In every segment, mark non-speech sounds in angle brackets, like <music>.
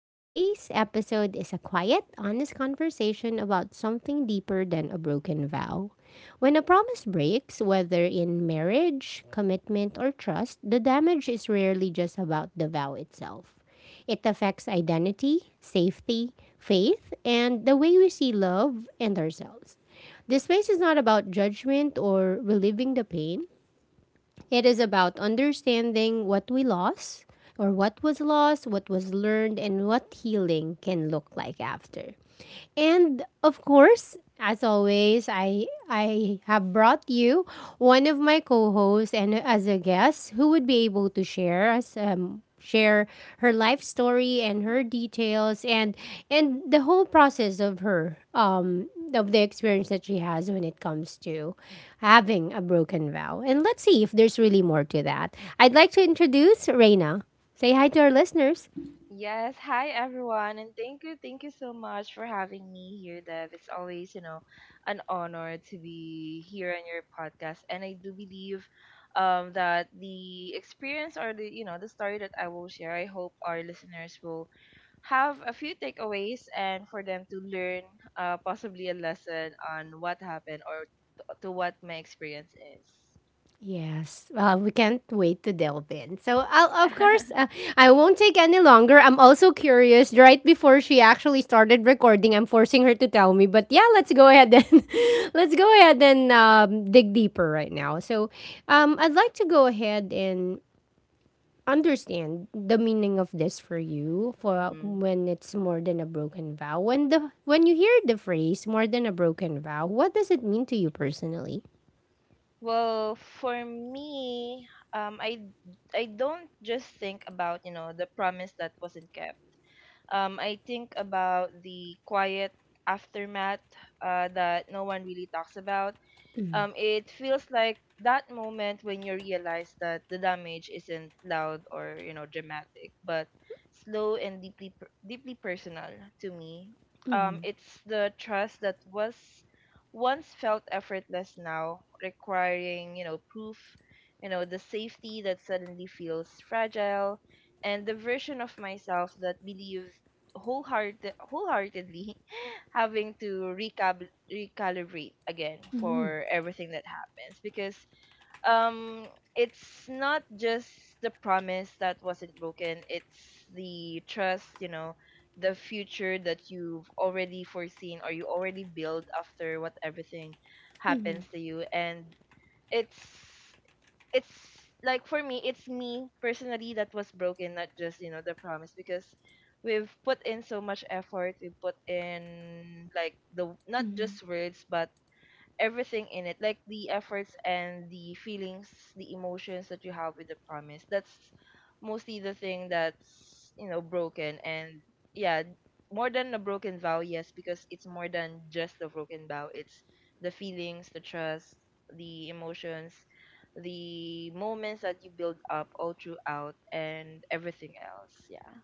Today's episode is a quiet, honest conversation about something deeper than a broken vow. When a promise breaks, whether in marriage, commitment, or trust, the damage is rarely just about the vow itself. It affects identity, safety, faith, and the way we see love and ourselves. This space is not about judgment or relieving the pain. It is about understanding what we lost or what was lost, what was learned, and what healing can look like after. And of course, as always, I have brought you one of my co-hosts and as a guest who would be able to share us share her life story and her details and the whole process of her of the experience that she has when it comes to having a broken vow. And let's see if there's really more to that. I'd like to introduce Reina. Say hi to our listeners. Yes, hi everyone, and thank you so much for having me here, Dev. It's always, you know, an honor to be here on your podcast, and I do believe that the experience or the you know the story that I will share, I hope our listeners will have a few takeaways and for them to learn possibly a lesson on what happened or to what my experience is. Yes, well, we can't wait to delve in. So, I'll, of course, <laughs> Yeah. I won't take any longer. I'm also curious. Right before she actually started recording, I'm forcing her to tell me. But yeah, let's go ahead and <laughs> let's go ahead and dig deeper right now. So, I'd like to go ahead and understand the meaning of this for you <laughs> for Mhm. when it's more than a broken vow. When you hear the phrase "more than a broken vow," what does it mean to you personally? Well, for me, um, I I don't just think about you know the promise that wasn't kept. I think about the quiet aftermath that no one really talks about. Um, it feels like that moment when you realize that the damage isn't loud or you know dramatic, but slow and deeply deeply personal to me. It's the trust that was once felt effortless now, requiring you know proof, you know the safety that suddenly feels fragile, and the version of myself that believed wholeheartedly <laughs> having to recap recalibrate again for everything that happens, because um it's not just the promise that wasn't broken, it's the trust, you know, the future that you've already foreseen or you already built after what everything happens to you. And it's it's like for me it's me personally that was broken, not just you know the promise, because we've put in so much effort, we've put in like the not just words but everything in it, like the efforts and the feelings, the emotions that you have with the promise. That's mostly the thing that's you know broken. And yeah, more than a broken vow, yes, because it's more than just a broken vow, it's the feelings, the trust, the emotions, the moments that you build up all throughout and everything else, yeah.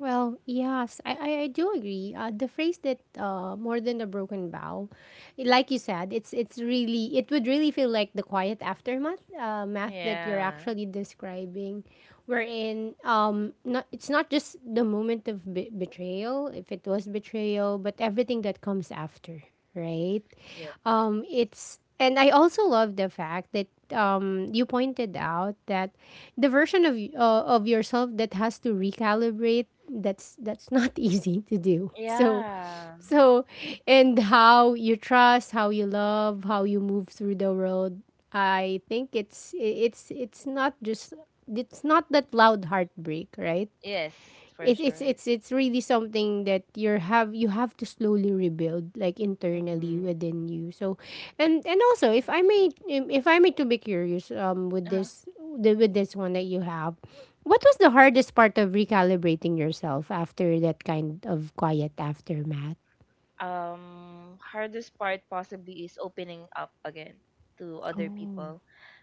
Well, yes, I do agree. The phrase that more than a broken vow, like you said, it's really it would really feel like the quiet aftermath math that you're Yeah. actually describing, wherein not it's not just the moment of betrayal if it was betrayal, but everything that comes after, right? Yeah, It's and I also love the fact that you pointed out that the version of of yourself that has to recalibrate, that's not <laughs> easy to do so yeah. so, and how you trust, how you love, how you move through the world. I think it's not just, it's not that loud heartbreak, right? Yes, for it's it's sure. it's it's really something that you have to slowly rebuild like internally Mm-hmm. within you, so. And also, if I may to be curious, with Uh-huh. this with this one that you have, what was the hardest part of recalibrating yourself after that kind of quiet aftermath? Hardest part possibly is opening up again to other Oh. people,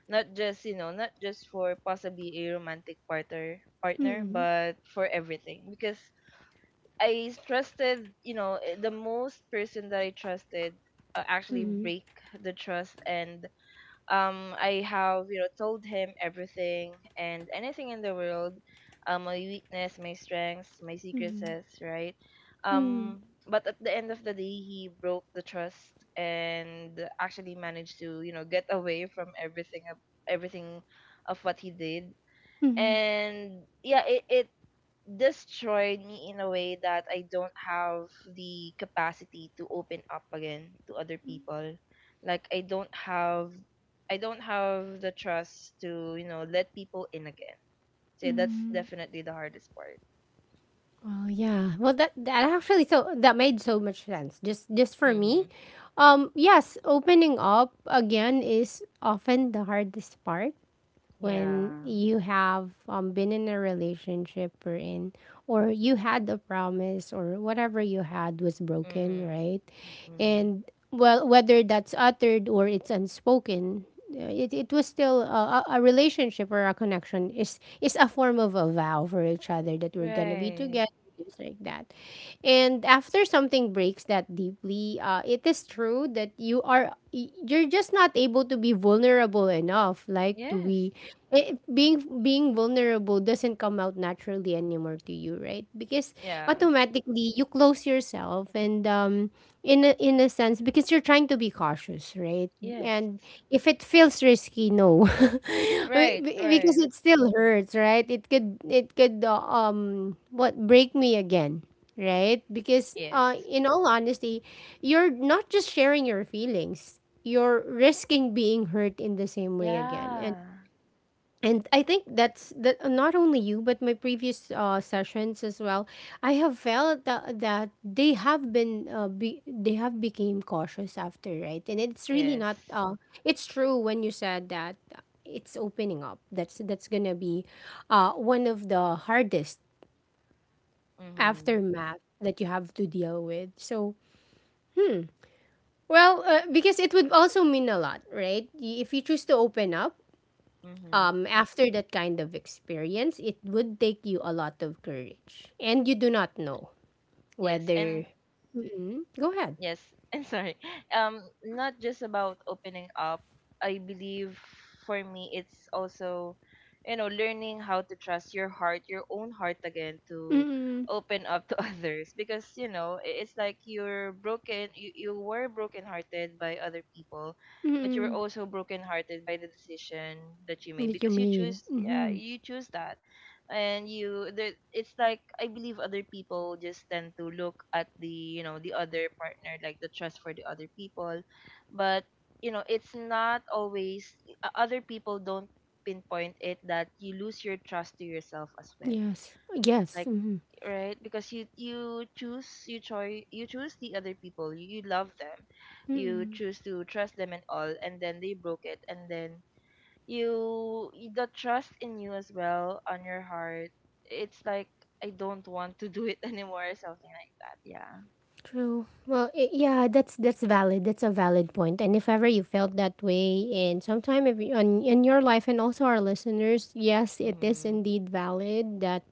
not just you know not just for possibly a romantic partner, but for everything, because I trusted you know the most person that I trusted actually break the trust. And I have you know told him everything and anything in the world, my weakness, my strengths, my secrets, right? Mm-hmm. Um, but at the end of the day, he broke the trust and actually managed to you know get <laughs> away from everything of what he did. And yeah, it destroyed me in a way that I don't have the capacity to open up again to other people. Like I don't have the trust to, you know, let people in again. So that's definitely the hardest part. Well, yeah. Well, that that actually so that made so much sense. Just for me, Mm-hmm. Yes, opening up again is often the hardest part when Yeah. you have been in a relationship or in, or you had a promise or whatever you had was broken, Mm-hmm. right? Mm-hmm. And well, whether that's uttered or it's unspoken, it was still a relationship, or a connection is a form of a vow for each other that we're gonna be Right. together, things like that. And after something breaks that deeply, it is true that you are you're just not able to be vulnerable enough, like to Yes. be, being vulnerable doesn't come out naturally anymore to you, right? Because Yeah. automatically you close yourself, and in a sense, because you're trying to be cautious, right? Yes. And if it feels risky, no. <laughs> Right. Because Right. it still hurts, right? It could it could what, break me again, right? Because Yes. in all honesty, you're not just sharing your feelings, you're risking being hurt in the same way again. and Yeah. and I think that's that, not only you, but my previous sessions as well. I have felt that, that they have they have became cautious after, right? And it's really not. Yes. It's true when you said that it's opening up. That's gonna be one of the hardest Mm-hmm. aftermath that you have to deal with. So well, because it would also mean a lot, right? If you choose to open up, Mm-hmm. After that kind of experience, it would take you a lot of courage. And you do not know Yes. whether. And Mm-mm. Go ahead. yes, <laughs> I'm sorry. Not just about opening up, I believe for me it's also you know learning how to trust your heart, your own heart again, to Mm-mm. open up to <laughs> others, because you know it's like you're broken. You you were brokenhearted by other people, but you were Mm-mm. also brokenhearted by the decision that you made That you because you made. choose, yeah, Mm-hmm. you choose that. And you there it's like I believe other people just tend to look at the you know the other partner, like the trust for the other people. But you know it's not always— other people don't pinpoint it that you lose your trust to yourself as well. Yes. Yes. Like, Mm-hmm. right, because you choose you choose the other people, you love them, you Mm-mm. choose to trust them and all, and then they broke it, and then you— the trust in you as well on your heart, it's like I don't want to do it <laughs> anymore or something like that, yeah. True. Well, I yeah, that's valid. That's a valid point. And if ever you felt that way, and sometime if you, on, in your life, and also our listeners, yes, it is Mm-hmm. indeed valid that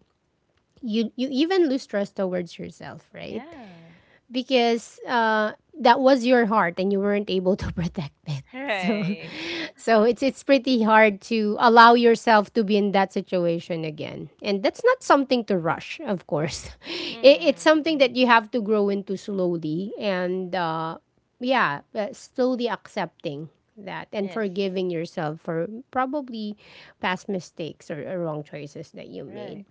you even lose trust towards yourself, right? Yeah. Because that was your heart and you weren't able to <laughs> protect it. So, Right. so it's pretty hard to allow yourself to be in that situation again, and that's not something to rush. Of course, <laughs> it, it's Mm-hmm, something that you hmm. have to grow into slowly, and yeah, slowly accepting that and Yes. forgiving yourself for probably past mistakes, or wrong choices that you Right. made.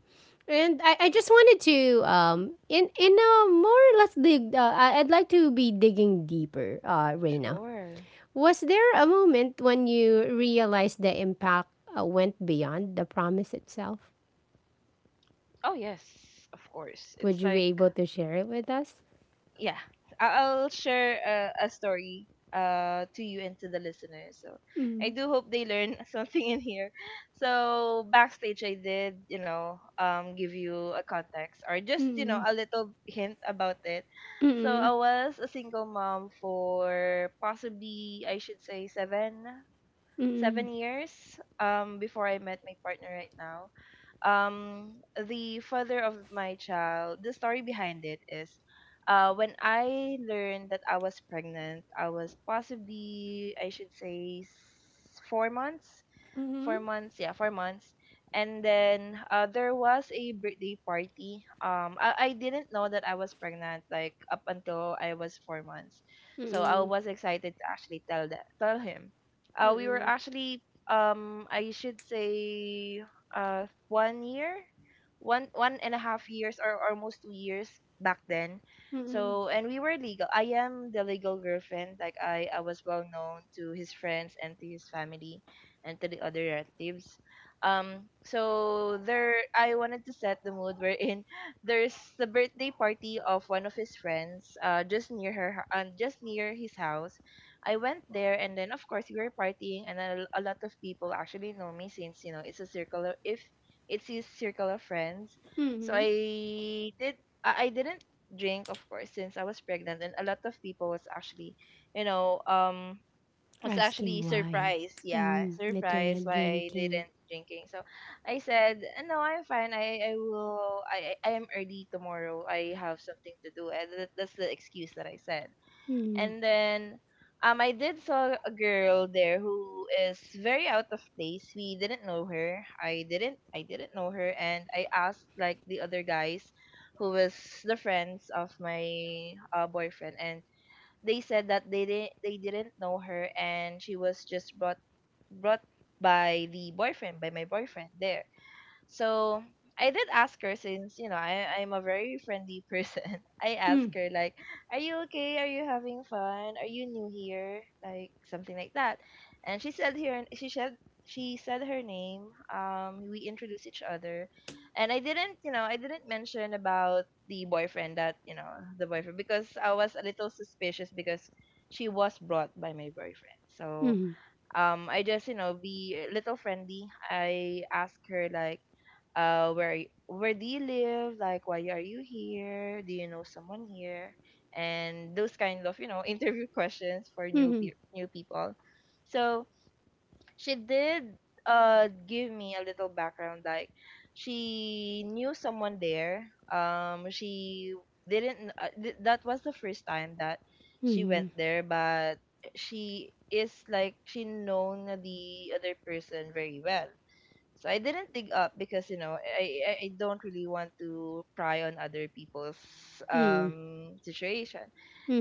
And I just wanted to in a more or less dig I'd like to be digging deeper, Reina. Sure. Was there a moment when you realized the impact went beyond the promise itself? Oh yes, of course, Would it's you be like— able to share it with us? yeah, I- I'll share a story to you and to the listeners. So I do hope they learn <laughs> something in here. So backstage, I did you know give you a context or just you know a little hint about it. So I was a single mom for possibly I should say seven years before I met my partner right now. um the father of my child, the story behind it is when I learned that I was pregnant, I was possibly I should say four months 4 months. And then there was a birthday party. I didn't know that I was pregnant like up until I was 4 months, so I was excited to actually tell him. We were actually I should say uh one year 1.5 years or almost 2 years back then. So and we were legal, I am the legal girlfriend, like I was well known to his friends and to his family and to the other relatives. So there, I wanted to set the mood, wherein <laughs> there's the birthday party of one of his friends, just near his house. I went there, and then of course we were partying, and a lot of people actually know me, since you know it's a circle. Of, if it's his circle of friends, so Mm-hmm. I did. I didn't drink, of course, since I was pregnant, and a lot of people was actually, you know, was Asking actually why. surprised. Yeah, Mm, that you're surprised not why I drinking. didn't drinking. So I said, No, I'm fine. I am early tomorrow. I have something to do." And that's the excuse that I said. And then I did saw a girl there who is very out of place. We didn't know her. I didn't know her, and I asked like the other guys who was the friends of my boyfriend, and they said that they didn't know her and she was just brought by the boyfriend by my boyfriend there. So I did ask her, since, you know, I'm a very friendly person. <laughs> I Mm, asked her like, "Are you okay? Are you having fun? Are you new here?" Like something like that. And she said her name. Um, we introduced each other. And I didn't, you know, I didn't mention about the boyfriend that, you know, the boyfriend, because I was a little suspicious because she was brought by my boyfriend. So mm, I just you know be a little friendly. I ask her like, where do you live? Like, why are you here? Do you know someone here? And those kind of you know <laughs> interview questions for mm, new people. So she did give me a little background, like she knew someone there. She didn't th- That was the first time that she went mm, there, but she is like she known the other person very well. So I didn't dig up, because you know I don't really want to pry on other people's mm, situation.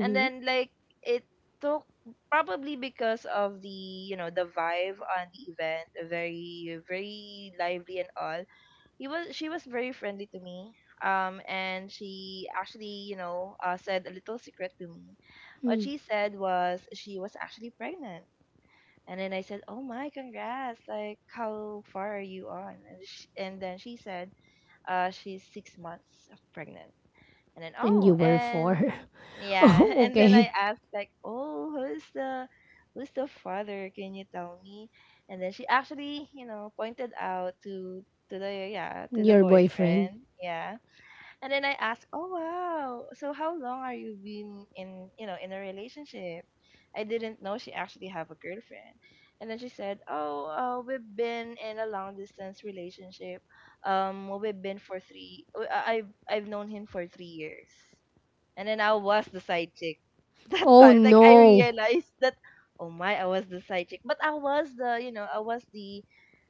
And then like it took probably because of the you know the vibe on the event, very very lively and all. He was She was very friendly to me. And she actually you know said a little secret to me. What she said was she was actually pregnant. And then I said, "Oh my, congrats! Like, how far are you on?" And sh and then she said, she's 6 months of pregnant." And then, And oh, you were for? and <laughs> yeah, Oh, <laughs> and then I okay. asked like, "Oh, who's the father? Can you tell me?" And then she actually, you know, pointed out to the, yeah, to the Your boyfriend. boyfriend, yeah. And then I asked, "Oh wow, so how long are you been in, you know, in a relationship?" I didn't know she actually have a girlfriend. And then she said, "Oh, we've been in a long distance relationship. We've been for three. W- I- I've known him for 3 years." And then I was the side chick <laughs> that Oh time. Like I no. realized that, oh my, I was the side chick. But I was the, you know, I was the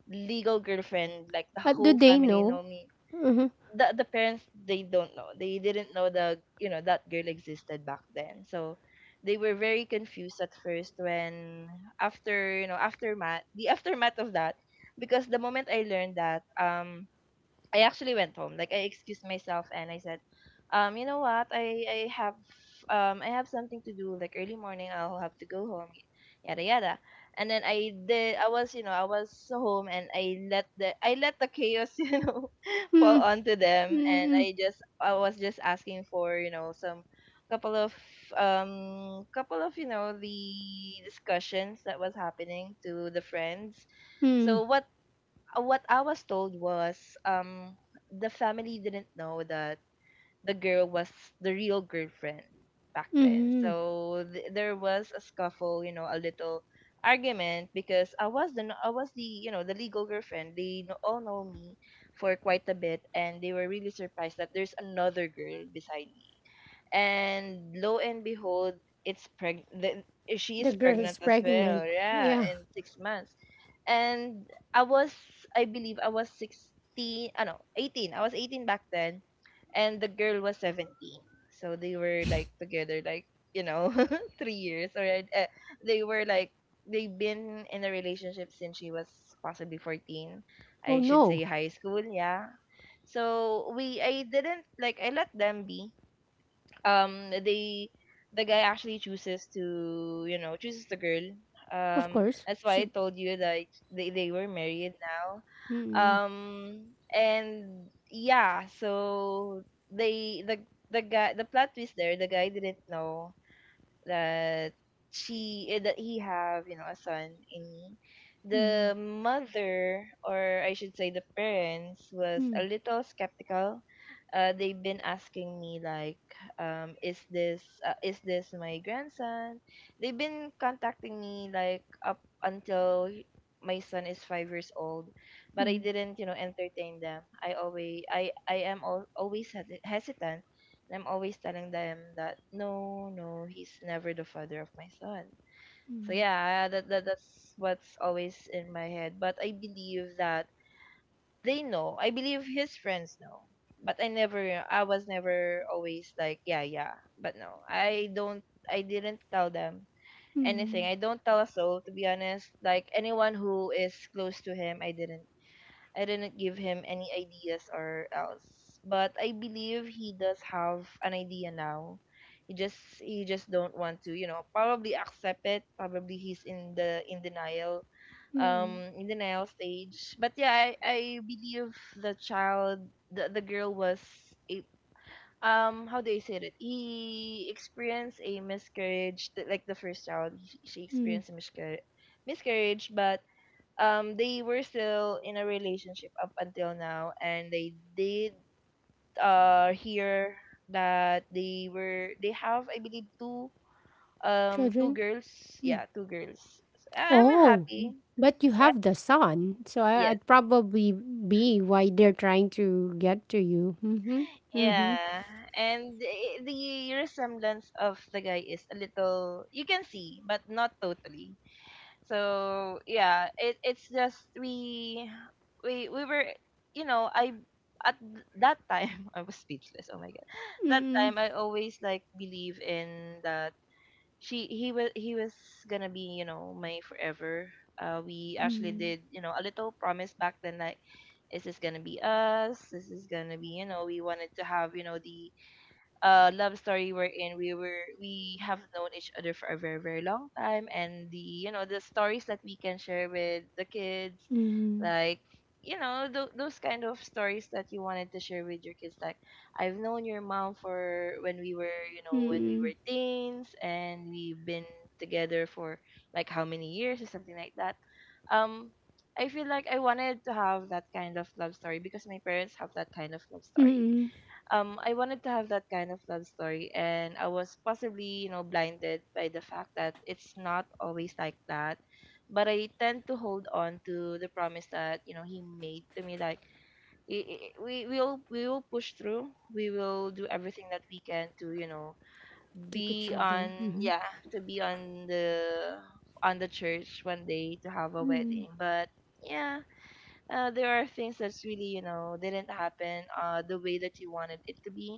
legal girlfriend. Like the But do whole they family know? know me. The parents, they don't know. They didn't know the you know that girl existed back then. So they were very confused at first when— after you know aftermath the aftermath of that, because the moment I learned that, I actually went home. Like I excused myself and I said, you know what? I have something to do. Like early morning, I'll have to go home. Yada yada. And then I did. I was home and I let the chaos <laughs> fall Hmm. onto them and Mm-mm. I was just asking for, you know, some couple of couple of the discussions that was happening to the friends. Hmm. So what I was told was, um the family didn't know that the girl was the real girlfriend back then. Mm-hmm. So there was a scuffle, you know, a little argument because I was the no- I was the, you know, the legal girlfriend. All know me for quite a bit, and they were really surprised that there's another girl beside me. And lo and behold, it's preg the, she is The girl pregnant is as well, pregnant. yeah, Yeah. in 6 months. And i was I believe I was 16. Ah, no, 18. I was 18 back then, and the girl was 17. So they were like together, like, you know, <laughs> 3 years, or they were like they've been in a relationship since she was possibly 14. Oh I should no. say high school, yeah. So we I didn't, like, I let them be. um they the guy actually chooses to you know chooses the girl. Of um course. that's why I She. told you that they were married now. Mm-mm. um and yeah, so they the the guy, the plot twist there, the guy didn't know that that he have, you know, a son in the mother or I should say, the parents was a Mm. little skeptical. They've been asking me, like, is this my grandson? They've been contacting me like up until my son is 5 years old. But I didn't, you know, entertain them. I always hesitant, and I'm always telling them that no, no, he's never the father of my son. So yeah, that's what's always in my head. But I believe that they know. I believe his friends know. But I was never always like, yeah, yeah. But no. I didn't tell them anything. I don't tell a soul, to be honest. Like anyone who is close to him, I didn't give him any ideas or else. But I believe he does have an idea now. He just don't want to, you know, probably accept it. Probably he's in the Mm. in denial stage. But yeah, I believe the child, the girl was a how do I say it? He experienced a miscarriage, like the first child, she experienced a miscarriage, but they were still in a relationship up until now. And they did hear that they have, I believe, two Children. girls. Yeah, two girls. So I'm Oh. happy. But you Yeah, have the son, so I, yes, I'd probably be why they're trying to get to you. Mm-hmm. Mm-hmm. yeah. And the resemblance of the guy is a little, you can see, but not totally. So yeah, it it's just we were you know, I at that time, <laughs> I was speechless, oh my god. That Mm-mm. time I always, like, believe in that she he was gonna be, you know, my forever. We actually did, you know, a little promise back then, like, this gonna be us, this is gonna be, you know. We wanted to have, you know, the love story we were, we have known each other for a very, very long time, and the, you know, the stories that we can share with the kids. Mm-hmm. Like, you know, those kind of stories that you wanted to share with your kids, like, I've known your mom for, when we were, you know, when we Mm-mm. were teens, and we've been together for, like, how many years or something like that. um I feel like I wanted to have that kind of love story because my parents have that kind of love story. Mm-mm. I wanted to have that kind of love story, and I was possibly, you know, blinded by the fact that it's not always like that. But I tend to hold on to the promise that, you know, he made to me, like, we will, we will push through. We will do everything that we can to, you know, Keep each be other. on, Mm-hmm. yeah, to be on the church one day to have a Mm-mm. wedding. But yeah, there are things that's really, you know, didn't happen the way that you wanted it to be.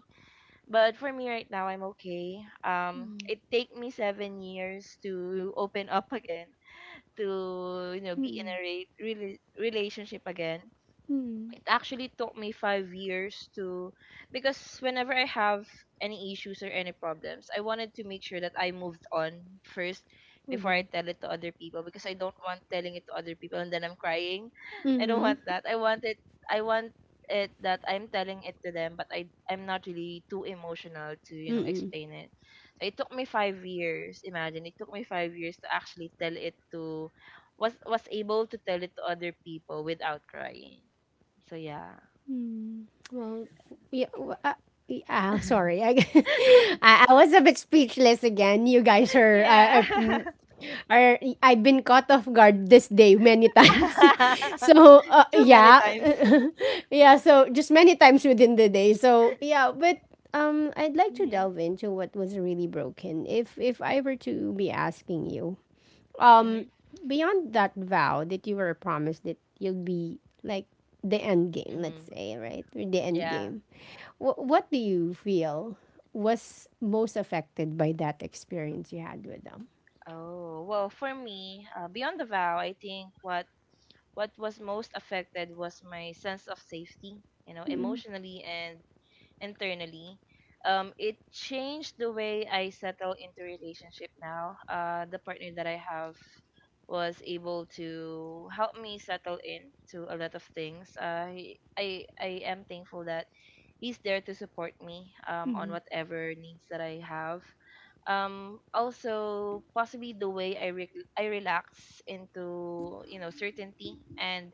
But for me right now, I'm okay. It take me 7 years to open up again, to, you know, be in a Mm-mm. Relationship again. Mm-hmm. It actually took me 5 years to, because whenever I have any issues or any problems, I wanted to make sure that I moved on first before I tell it to other people, because I don't want telling it to other people and then I'm crying. I don't Mm-mm. want that. I want it that I'm telling it to them, but I'm not really too emotional to, you know, Mm-mm. explain it. So it took me 5 years, imagine. It took me 5 years to actually tell it to was able to tell it to other people without crying. So yeah. <laughs> Well, yeah, yeah, <laughs> sorry. I, <laughs> I was a bit speechless again. You guys are Yeah. Are, I've been caught off guard this day many times. <laughs> <laughs> So, Too many yeah. times. <laughs> Yeah, so just many times within the day. So, yeah, but I'd like <laughs> to Hmm. delve into what was really broken. If I were to be asking you, um Mhm. beyond that vow that you were promised that you'll be like the end game, let's Mhm. say, right? Or the end Yeah. game, what do you feel was most affected by that experience you had with them? Oh, well, for me, beyond the vow, I think what was most affected was my sense of safety, you know, Mm-hmm. emotionally and internally. It changed the way I settle into relationship now. The partner that I have was able to help me settle into a lot of things. I am thankful that he's there to support me, on whatever needs that I have. Also, possibly the way I relax into, you know, certainty, and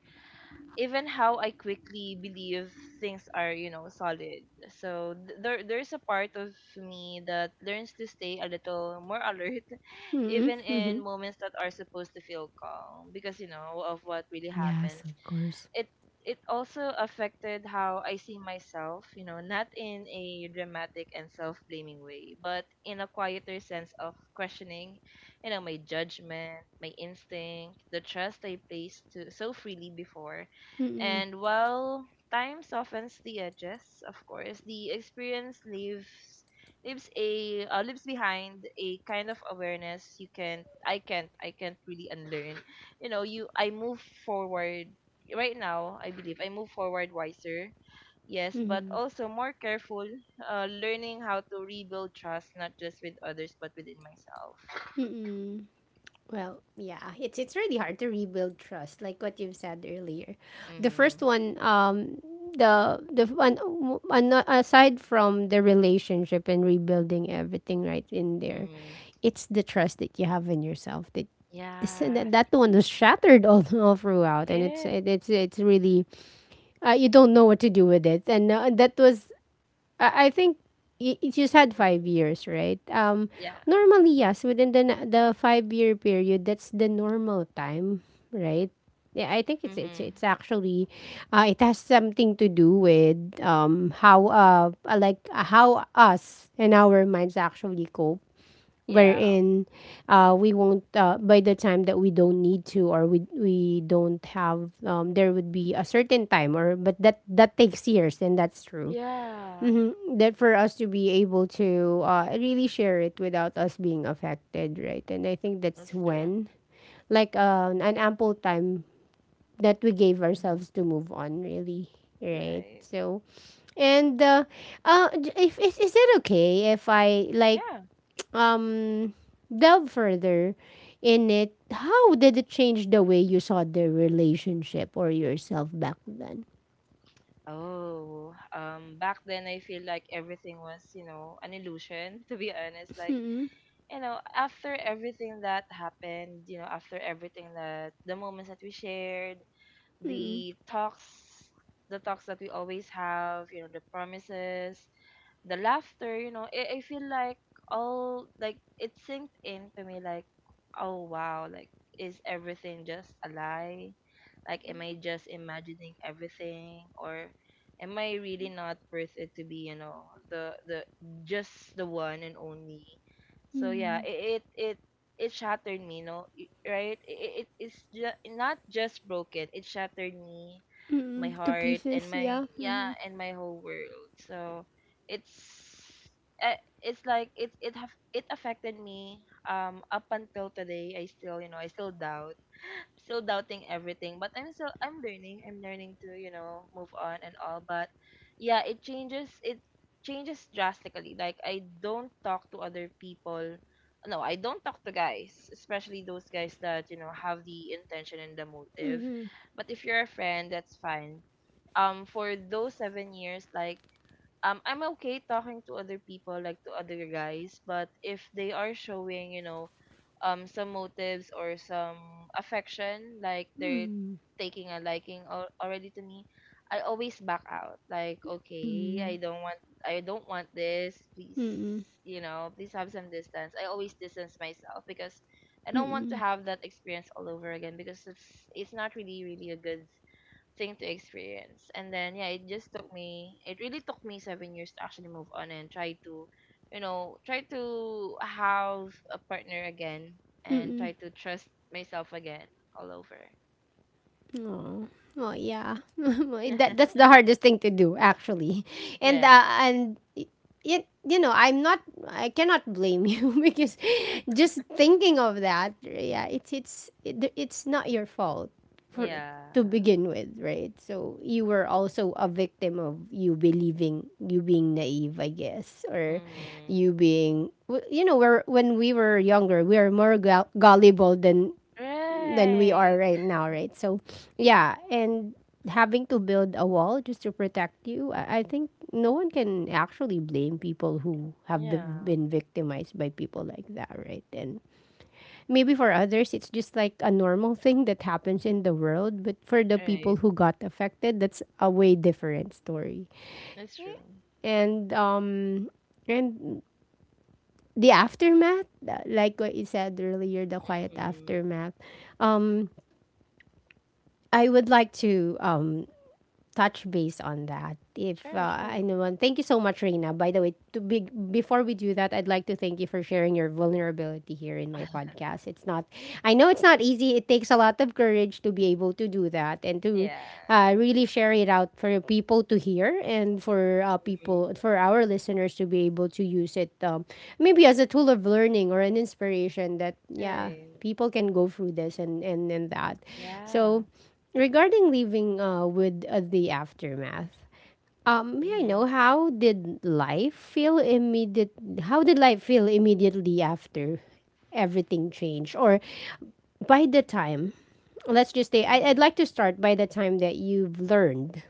even how I quickly believe things are, you know, solid. So there there's a part of me that learns to stay a little more alert <laughs> even Mm-hmm. in moments that are supposed to feel calm, because you know of what really Yes, happens. of course. it it also affected how I see myself, you know, not in a dramatic and self-blaming way, but in a quieter sense of questioning, you know, my judgment, my instinct, the trust I placed to, so freely before. Mm-hmm. And while time softens the edges, of course, the experience leaves a leaves behind a kind of awareness you can I can't really unlearn, you know. You I Move forward, right now, I believe I move forward wiser. Yes, but also more careful, learning how to rebuild trust, not just with others, but within myself. Mm-hmm. Well, yeah, it's really hard to rebuild trust, like what you've said earlier. The Mm-hmm. first one, the one aside from the relationship and rebuilding everything right in there, Mm-hmm. it's the trust that you have in yourself that this, Yeah. that that one was shattered all, <laughs> all throughout, and it's Yeah. it, it's it's really, you don't know what to do with it, and that was, I think you just had five Mhm. years, right? Yeah. Normally, yes, within the the 5 year period, that's the normal time, right? Yeah, I think it's it's Mm-hmm. it's actually, it has something to do with how how us and our minds actually cope, Yeah. wherein, we won't by the time that we don't need to, or we don't have, um, there would be a certain time or, but that that takes years, and that's true. Yeah. Mhm. That for us to be able to really share it without us being affected, right? And I think That's that's true. when, like, an ample time that we gave Mm-hmm. ourselves to move on, really, right? Right. So, and if is, is it okay if I like Yeah. <tsk> um delve further in it? How did it change the way you saw the relationship or yourself back then? Oh, back then I feel like everything was, you know, an illusion, <laughs> to be honest. Like, Mm-mm, you know, after everything that happened, you know, after everything that the moments that we shared, mm-mm, the talks, the talks that we always have, you know, the promises, the laughter, you know, I feel like, all like, it sinked into me, like, oh wow, like, is everything just a lie? Like, am I just imagining everything, or am I really not worth it to be, you know, the just the one and only? So yeah, mm-mm, it shattered me, no, right? It is not just broken, it shattered me, my mm-mm. To heart and pieces, my yeah. yeah, and my whole world. So it's, it's like it affected me, up until today I still, you know, I still doubt still doubting everything. But I'm learning, I'm learning to, you know, move on and all. But yeah, it changes drastically. Like, I don't talk to other people. No, I don't talk to guys, especially those guys that, you know, have the intention and the motive. 嗯 But if you're a friend, that's fine. For those 7 years, like, I'm okay talking to other people, like to other guys, but if they are showing, you know, some motives or some affection, like they're 嗯 taking a liking already to me, I always back out, like, 嗯 okay, I 嗯 don't want, I don't want this, 嗯 please, 嗯嗯 you know, please have some distance. I always distance myself because I 嗯 don't want to 嗯 have that experience all over again, because it's not really, really a good thing to experience. And then yeah, it really took me 7 years to actually move on and try to, you know, try to have a partner again 嗯 and try 嗯 to trust myself again all over. Oh, well, yeah. <laughs> That <laughs> that's the hardest thing to do, actually. Yes. And yet, you know, I'm not. I cannot blame you <laughs> because just thinking of that, yeah, it's not your fault for Yeah. to begin with, right? So you were also a victim of you believing, you being naive, I guess, or Mm. you being, you know, we're when we were younger, we are more gullible than we are Right. right now, right? So, yeah, and having to build a wall just to protect you, I think no one can actually blame people who have Yeah. been victimized by people like that, right? And maybe for others, it's just like a normal <laughs> thing that happens in the world, but for the people Right. who got affected, that's a way different story. That's true. And um, and the aftermath, like what you said earlier, the quiet Mm-hmm. aftermath. Um, I would like to touch base on that. If Sure, sure. I know one, thank you so much, Reina. By the way, before we do that, I'd like to thank you for sharing your vulnerability here in my podcast. It's not, I know it's not easy. It takes a lot of courage to be able to do that and to Yeah. Really share it out for people to hear and for Mm-hmm. For our listeners to be able to use it maybe as a tool of learning or an inspiration that, yeah, Right. people can go through this and that. Yeah. So, regarding living with the aftermath, may I Mm-hmm. know how did life feel immediate? How did life feel immediately after everything changed, or by the time? Let's just say I, Mm-hmm. I'd like to start by the time that you've learned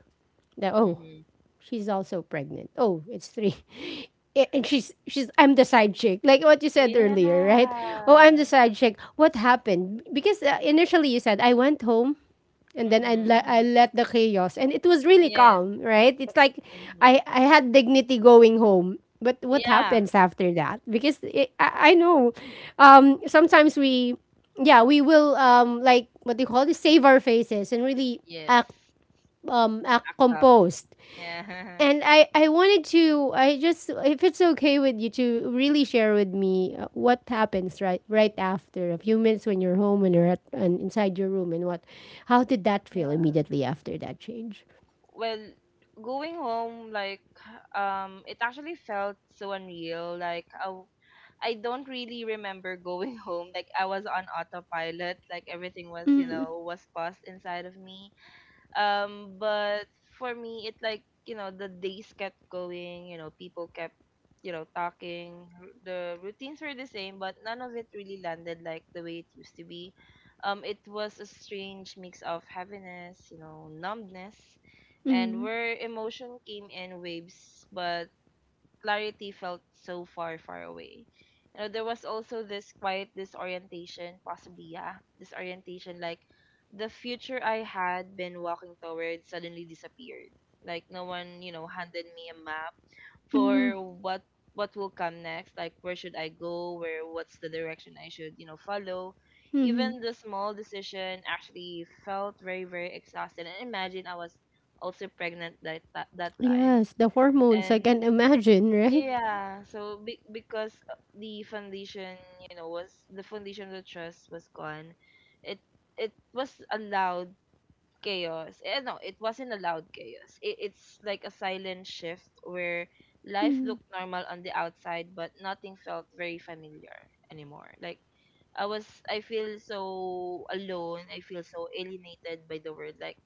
that oh, Mm-hmm. she's also pregnant. Oh, it's three. <laughs> And she's I'm the side chick, like what you said earlier, right? Oh, I'm Yeah. the side chick. What happened? Because initially you said I went home, and then I Mhm, let I mhm. let the chaos, and it was really Yes. calm, right? It's like Mhm. I had dignity going home. But what Yeah. happens after that? Because I know, sometimes we, yeah, we will like what do you call this? Save our faces and really Yes. act act Active. composed Yeah. <laughs> and I wanted to, I just, if it's okay with you to really share with me what happens right after a few minutes when you're home and and inside your room and what, how did that feel Yeah. immediately after that change? Well, going home, like, it actually felt so unreal. Like, I don't really remember going <laughs> home. Like, I was on autopilot. Like, everything was, Mm, was paused inside of me. But for me, it like the days kept going. You know, people kept talking. The routines were the same, but none of it really landed like the way it used to be. It was a strange mix of heaviness, numbness, and mm, where emotion came in waves, but clarity felt so far, far away. You know, there was also this quiet disorientation, possibly, yeah, disorientation. Like the future I had been walking toward suddenly disappeared. Like no one, handed me a map mm, for what will come next. Like where should I go? Where What's the direction I should, follow? mm. Even the small decision actually felt very, very exhausted. And imagine I was also pregnant that time. Yes, the hormones, I And can imagine, right? yeah, so because the foundation, you know, was the foundation of the trust was gone, it it was a loud chaos. Eh, no, it wasn't a loud chaos. It's like a silent shift where life Mm. looked normal on the outside, but nothing felt very familiar anymore. Like I was, I feel so alone. I feel so alienated by the world. Like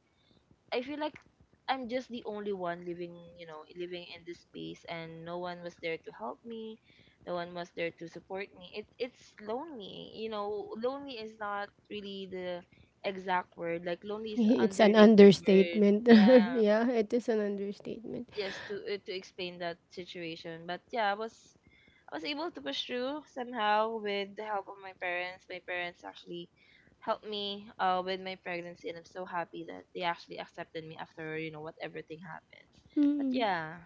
I feel like I'm just the only one living, living in this space and no one was there to help me. No one was there to support me. It's lonely. You know, lonely is not really the exact word. Like lonely is It's an underrated word. understatement. <laughs> Yeah. Yeah, it is an understatement. Yes, to explain that situation. But yeah, I was able to push through somehow with the help of my parents. My parents actually helped me with my pregnancy, and I'm so happy that they actually accepted me after what everything happens. But yeah,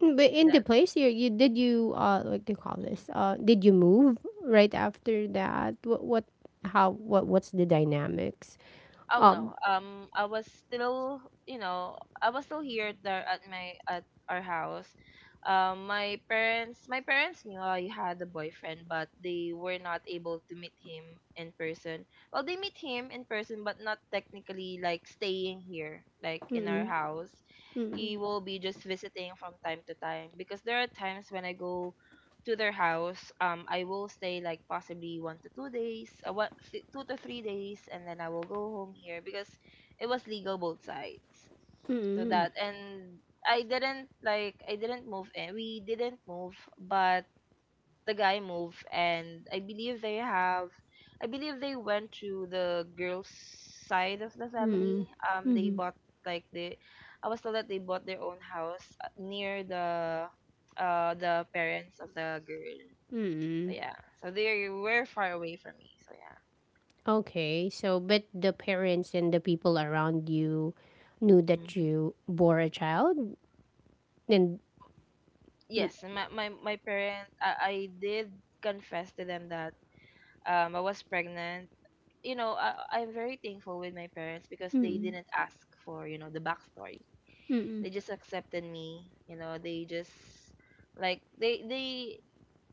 Mm. But and in the that. place you did you like they call Mm-hmm. this did you move right after that, what how what's the dynamics? Oh um no. I was still, you know, I was still here there at my at our house. My parents knew I had a boyfriend, but they were not able to meet him in person. Well, they meet him in person, but not technically like staying here, like in our mm-mm, house. He mm-mm, will be just visiting from time to time because there are times when I go to their house, I will stay like possibly 1 to 2 days, 2 to 3 days, and then I will go home here because it was legal both sides. So mm-mm, that and I didn't move in. We didn't move, but the guy move and I believe they went to the girls side of the family. mm-mm, They mm-mm, bought like the I was told that they bought their own house near the parents of the girl. So mm-mm. yeah. So they were far away from me. So yeah. Okay, so but the parents and the people around you knew that Mhm. you bore a child and Yes, and my parent I did confess to them that I was pregnant. You know, I'm very thankful with my parents because they mm-mm, didn't ask for, the backstory. mm-mm, They just accepted me. You know, they just like they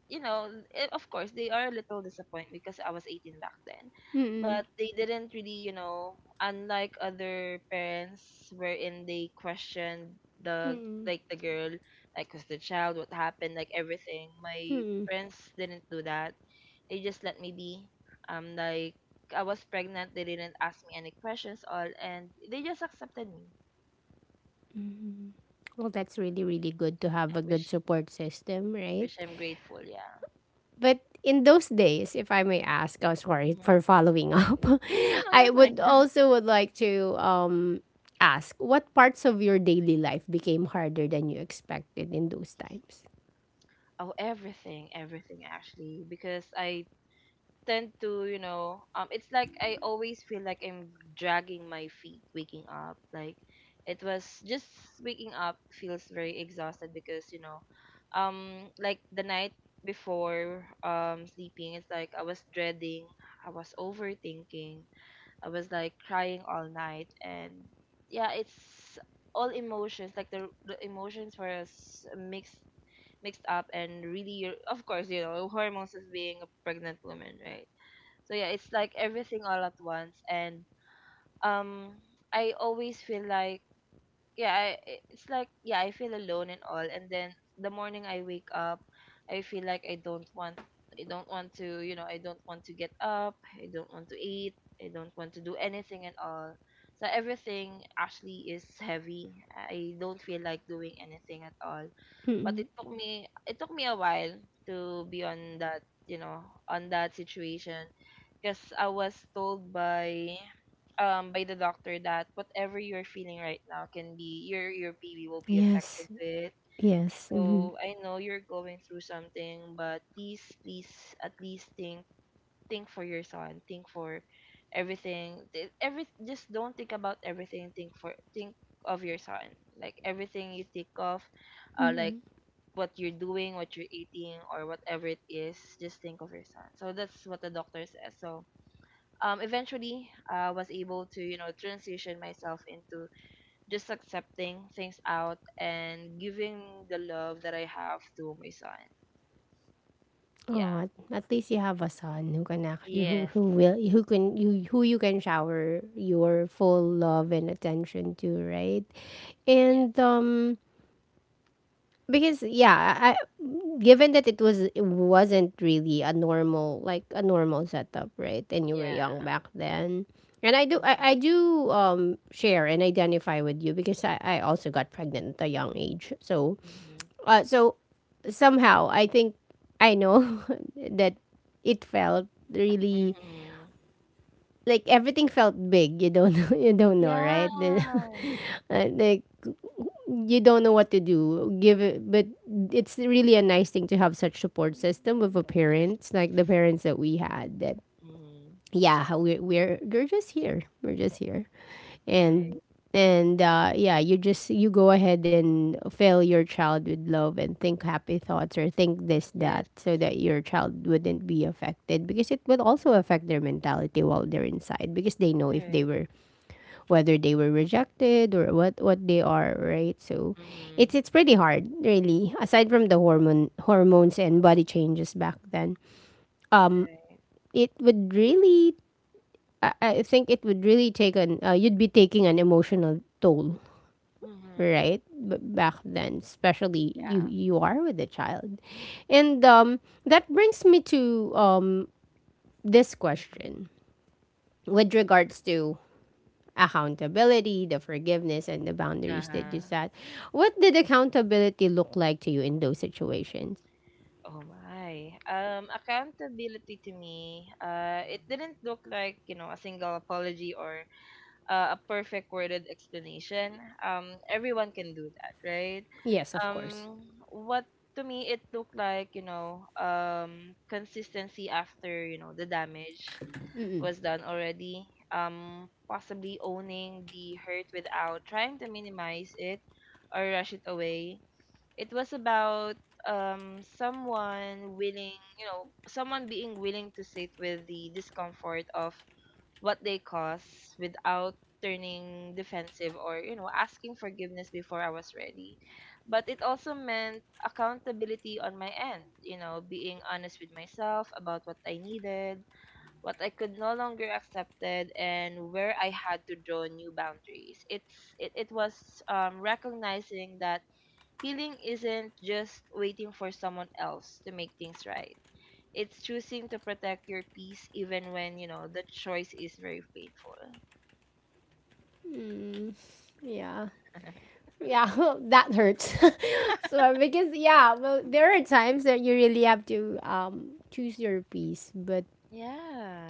you know eh, of course they are a little disappointed because I was 18 back then, mm-mm, but they didn't really, you know, unlike other parents wherein they questioned the mm-mm. like the girl, like was the child, what happened, like everything. My parents didn't do that. They just let me be. um like I was pregnant. They didn't ask me any questions all, and they just accepted me, Well, that's really, really good to have a good which support system, right? which I'm grateful. Yeah. But in those days, if I may ask, oh, sorry Hmm. for following up, Oh no, <laughs> you're I would fine. <laughs> also would like to ask what parts of your daily life became harder than you expected in those times? Oh, everything, everything actually, because I tend to, it's like I always feel like I'm dragging my feet waking up. Like it was just waking up feels very exhausted because like the night before, sleeping, it's like I was dreading, I was overthinking, I was like crying all night. And yeah, it's all emotions. Like the emotions were mixed up, and really of course, you know, hormones is being a pregnant woman, right? So yeah, it's like everything all at once. And um I always feel like yeah, it's like yeah, I feel alone and all. And then the morning I wake up, I feel like I don't want to, I don't want to get up, I don't want to eat, I don't want to do anything at all. So everything actually is heavy. I don't feel like doing anything at all. But Mm-mm. It took me a while to be on that, on that situation because I was told by the doctor that whatever you're feeling right now can be your baby will be Yes, affected with it. yes. Mm-hmm. So I know you're going through something, but please, please, at least think for your son. Think for everything. Every just don't think about everything. Think of your son. Like everything you think of, uh, like Mm-mm. what you're doing, what you're eating, or whatever it is. Just think of your son. So that's what the doctor says. So eventually I was able to, you know, transition myself into just accepting things out and giving the love that I have to my son. Oh, Yeah. at least you have a son who Yes. who will who can you who you can shower your full love and attention to, right? Yes. And because yeah, given that it wasn't really a normal, like a normal setup, right? And you were Yeah. young back then. And I do Mhm. I, I do share and identify with you because I also got pregnant at a young age. So Mhm. uh so somehow I think I know <laughs> that it felt really, Mhm. like everything felt big. You don't know, <laughs> you don't know, Yeah. right? Then <laughs> like you don't know what to do, give it, but it's really a nice thing to have such support system with a Yes. parents, like the parents that we had, that Mhm. yeah, how we're just here and Right. and yeah, you go ahead and fill your child with love and think happy thoughts, or think this, that, Yes. so that your child wouldn't be affected because it will also affect their mentality while they're inside, because they know if they Right. were, whether they were rejected or what they are, right? So it's Mhm. it's pretty hard, really. Aside from the hormones and body changes back then, um, Right. it would really, I think it would really take an you'd be taking an emotional toll, Mhm. right? Back then, especially Yeah. you are with a child, and that brings me to this Mhm. question with regards to accountability, the forgiveness, and the boundaries that you Uh-huh. set. What did accountability look like to you in those situations? Oh my. Accountability to me, it didn't look like, a single apology or a perfect worded explanation. Everyone can do that, right? Yes, of course. What to me it looked like, consistency after, the damage was done already. Possibly owning the hurt without trying to minimize it or rush it away. It was about someone being willing to sit with the discomfort of what they cause without turning defensive or, asking forgiveness before I was ready. But it also meant accountability on my end, being honest with myself about what I needed, what I could no longer accepted, and where I had to draw new boundaries. It was recognizing that healing isn't just waiting for someone else to make things right. It's choosing to protect your peace even when, the choice is very painful. Yeah. <laughs> Yeah, <laughs> that hurts. <laughs> So because yeah, well, there are times that you really have to choose your piece, but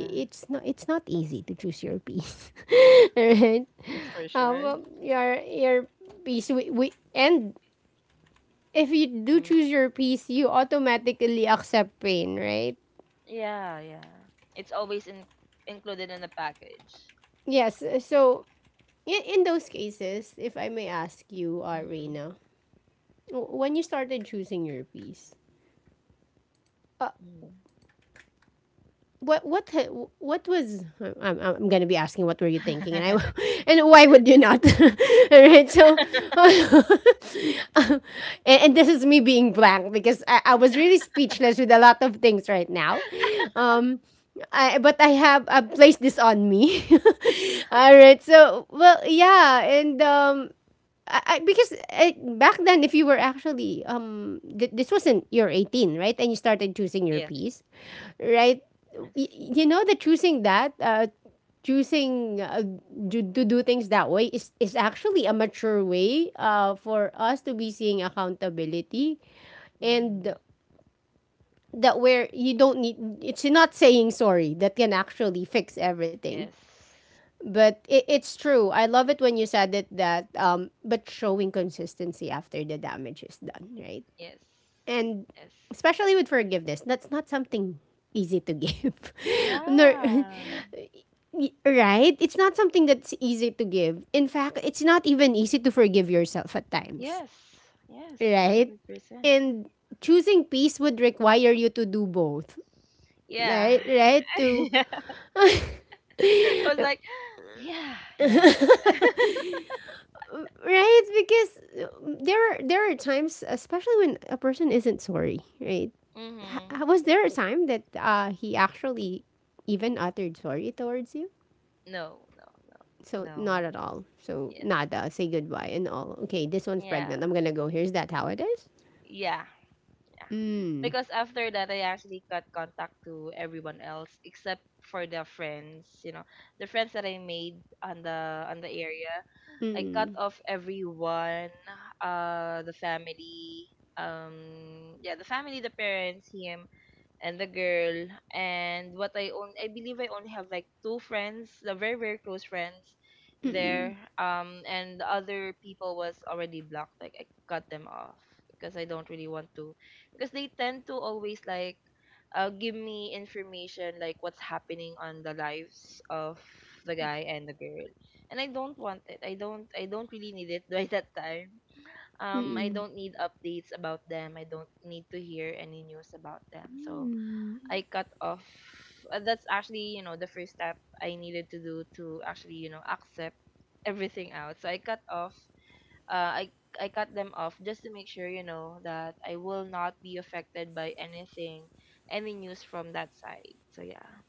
it's not, it's not easy to choose your piece, Yes, <laughs> right? that's for sure. Well, your piece, we, and if you do Mm. choose your piece, you automatically accept pain, right? Yeah, yeah. It's always included in the package. Yes. So, in those cases, if I may ask you, Mm-hmm. Reina, when you started choosing your piece, uh, Mm. what what ha- what was, I'm, I'm gonna be asking, what were you thinking, and I, <laughs> and why would you not, <laughs> all right, so <laughs> um, and this is me being blank because I was really speechless with a lot of things right now, um but I have placed this on me, <laughs> all right, so well, yeah, and because back then, if you were actually this wasn't, you're 18, right? And you started choosing your <laughs> Yes. piece, right? Yes. You know that, choosing to do things that way, is actually a mature way for us to be seeing accountability, and Hmm. that, where you don't need. It's not saying sorry that can actually fix everything, Yes. but it's true. I love it when you said it that, but showing consistency after the damage is done, right? Yes. And Yes. especially with forgiveness, that's not something easy to give. <laughs> Nor, Yeah. <laughs> right? It's not something that's easy to give. In fact, it's not even easy to forgive yourself at times, Yes. Yes. one right? Hundred percent. And choosing peace would require you to do both, Yeah. right? Right? To, <laughs> I was like, yeah, yeah. right, because there are times, especially when a person isn't sorry, right? Mhm. H- was there a time that he actually even uttered sorry towards you? No, no, no, So, not no. at all, so, Yes. nada, say goodbye and all, okay, this one's Yeah. pregnant, I'm gonna go, here's that, how it is. Yeah. Yeah. Because after that, I actually cut contact to everyone else except for the friends. You know, the friends that I made on the area. I cut off everyone. The family. Yeah, the family, the parents, him, and the girl and what I own. I believe I only have like two friends, the very very close friends Mm-mm. there. And the other people was already blocked. Like I cut them off because I don't really want to because they tend to always like give me information like what's happening on the lives of the guy and the girl. And I don't want it. I don't really need it <laughs> by that time. I Mm-mm. don't need updates about them. I don't need to hear any news about them. So Mm. I cut off. That's actually, the first step I needed to do to actually, accept everything out. So I cut off. Uh, I I cut them off just to make sure, that I will not be affected by anything, any news from that side. So yeah,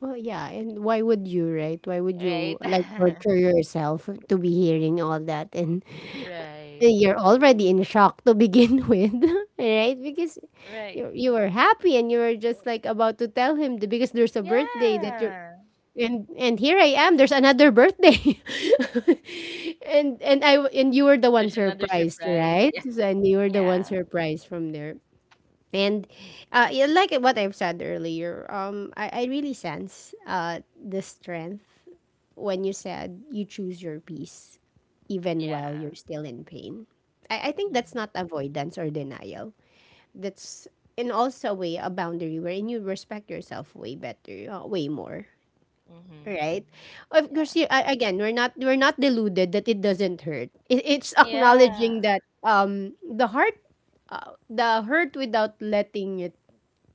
Well, yeah, and why would you? Right, why would you right, like torture yourself to be hearing all that? And <laughs> right, you're already in shock to begin <laughs> with, right? Because right. you were happy, and you were just like about to tell him because there's a birthday that you're, Yeah. and here I am. There's another birthday, <laughs> and you were the one There's another surprised, surprise. right? So, and <laughs> you were the one Yeah, surprised from there. And yeah, like what I've said earlier, I really sense the strength when you said you choose your peace yeah, even while you're yeah. still in pain. I think that's Mhm, not avoidance or denial. That's, in also a way, a boundary wherein you respect yourself way better, way more. mhm, Right, mhm. of course. Yeah, Again, we're not deluded that it doesn't hurt. It's yeah, acknowledging that the hurt without letting it,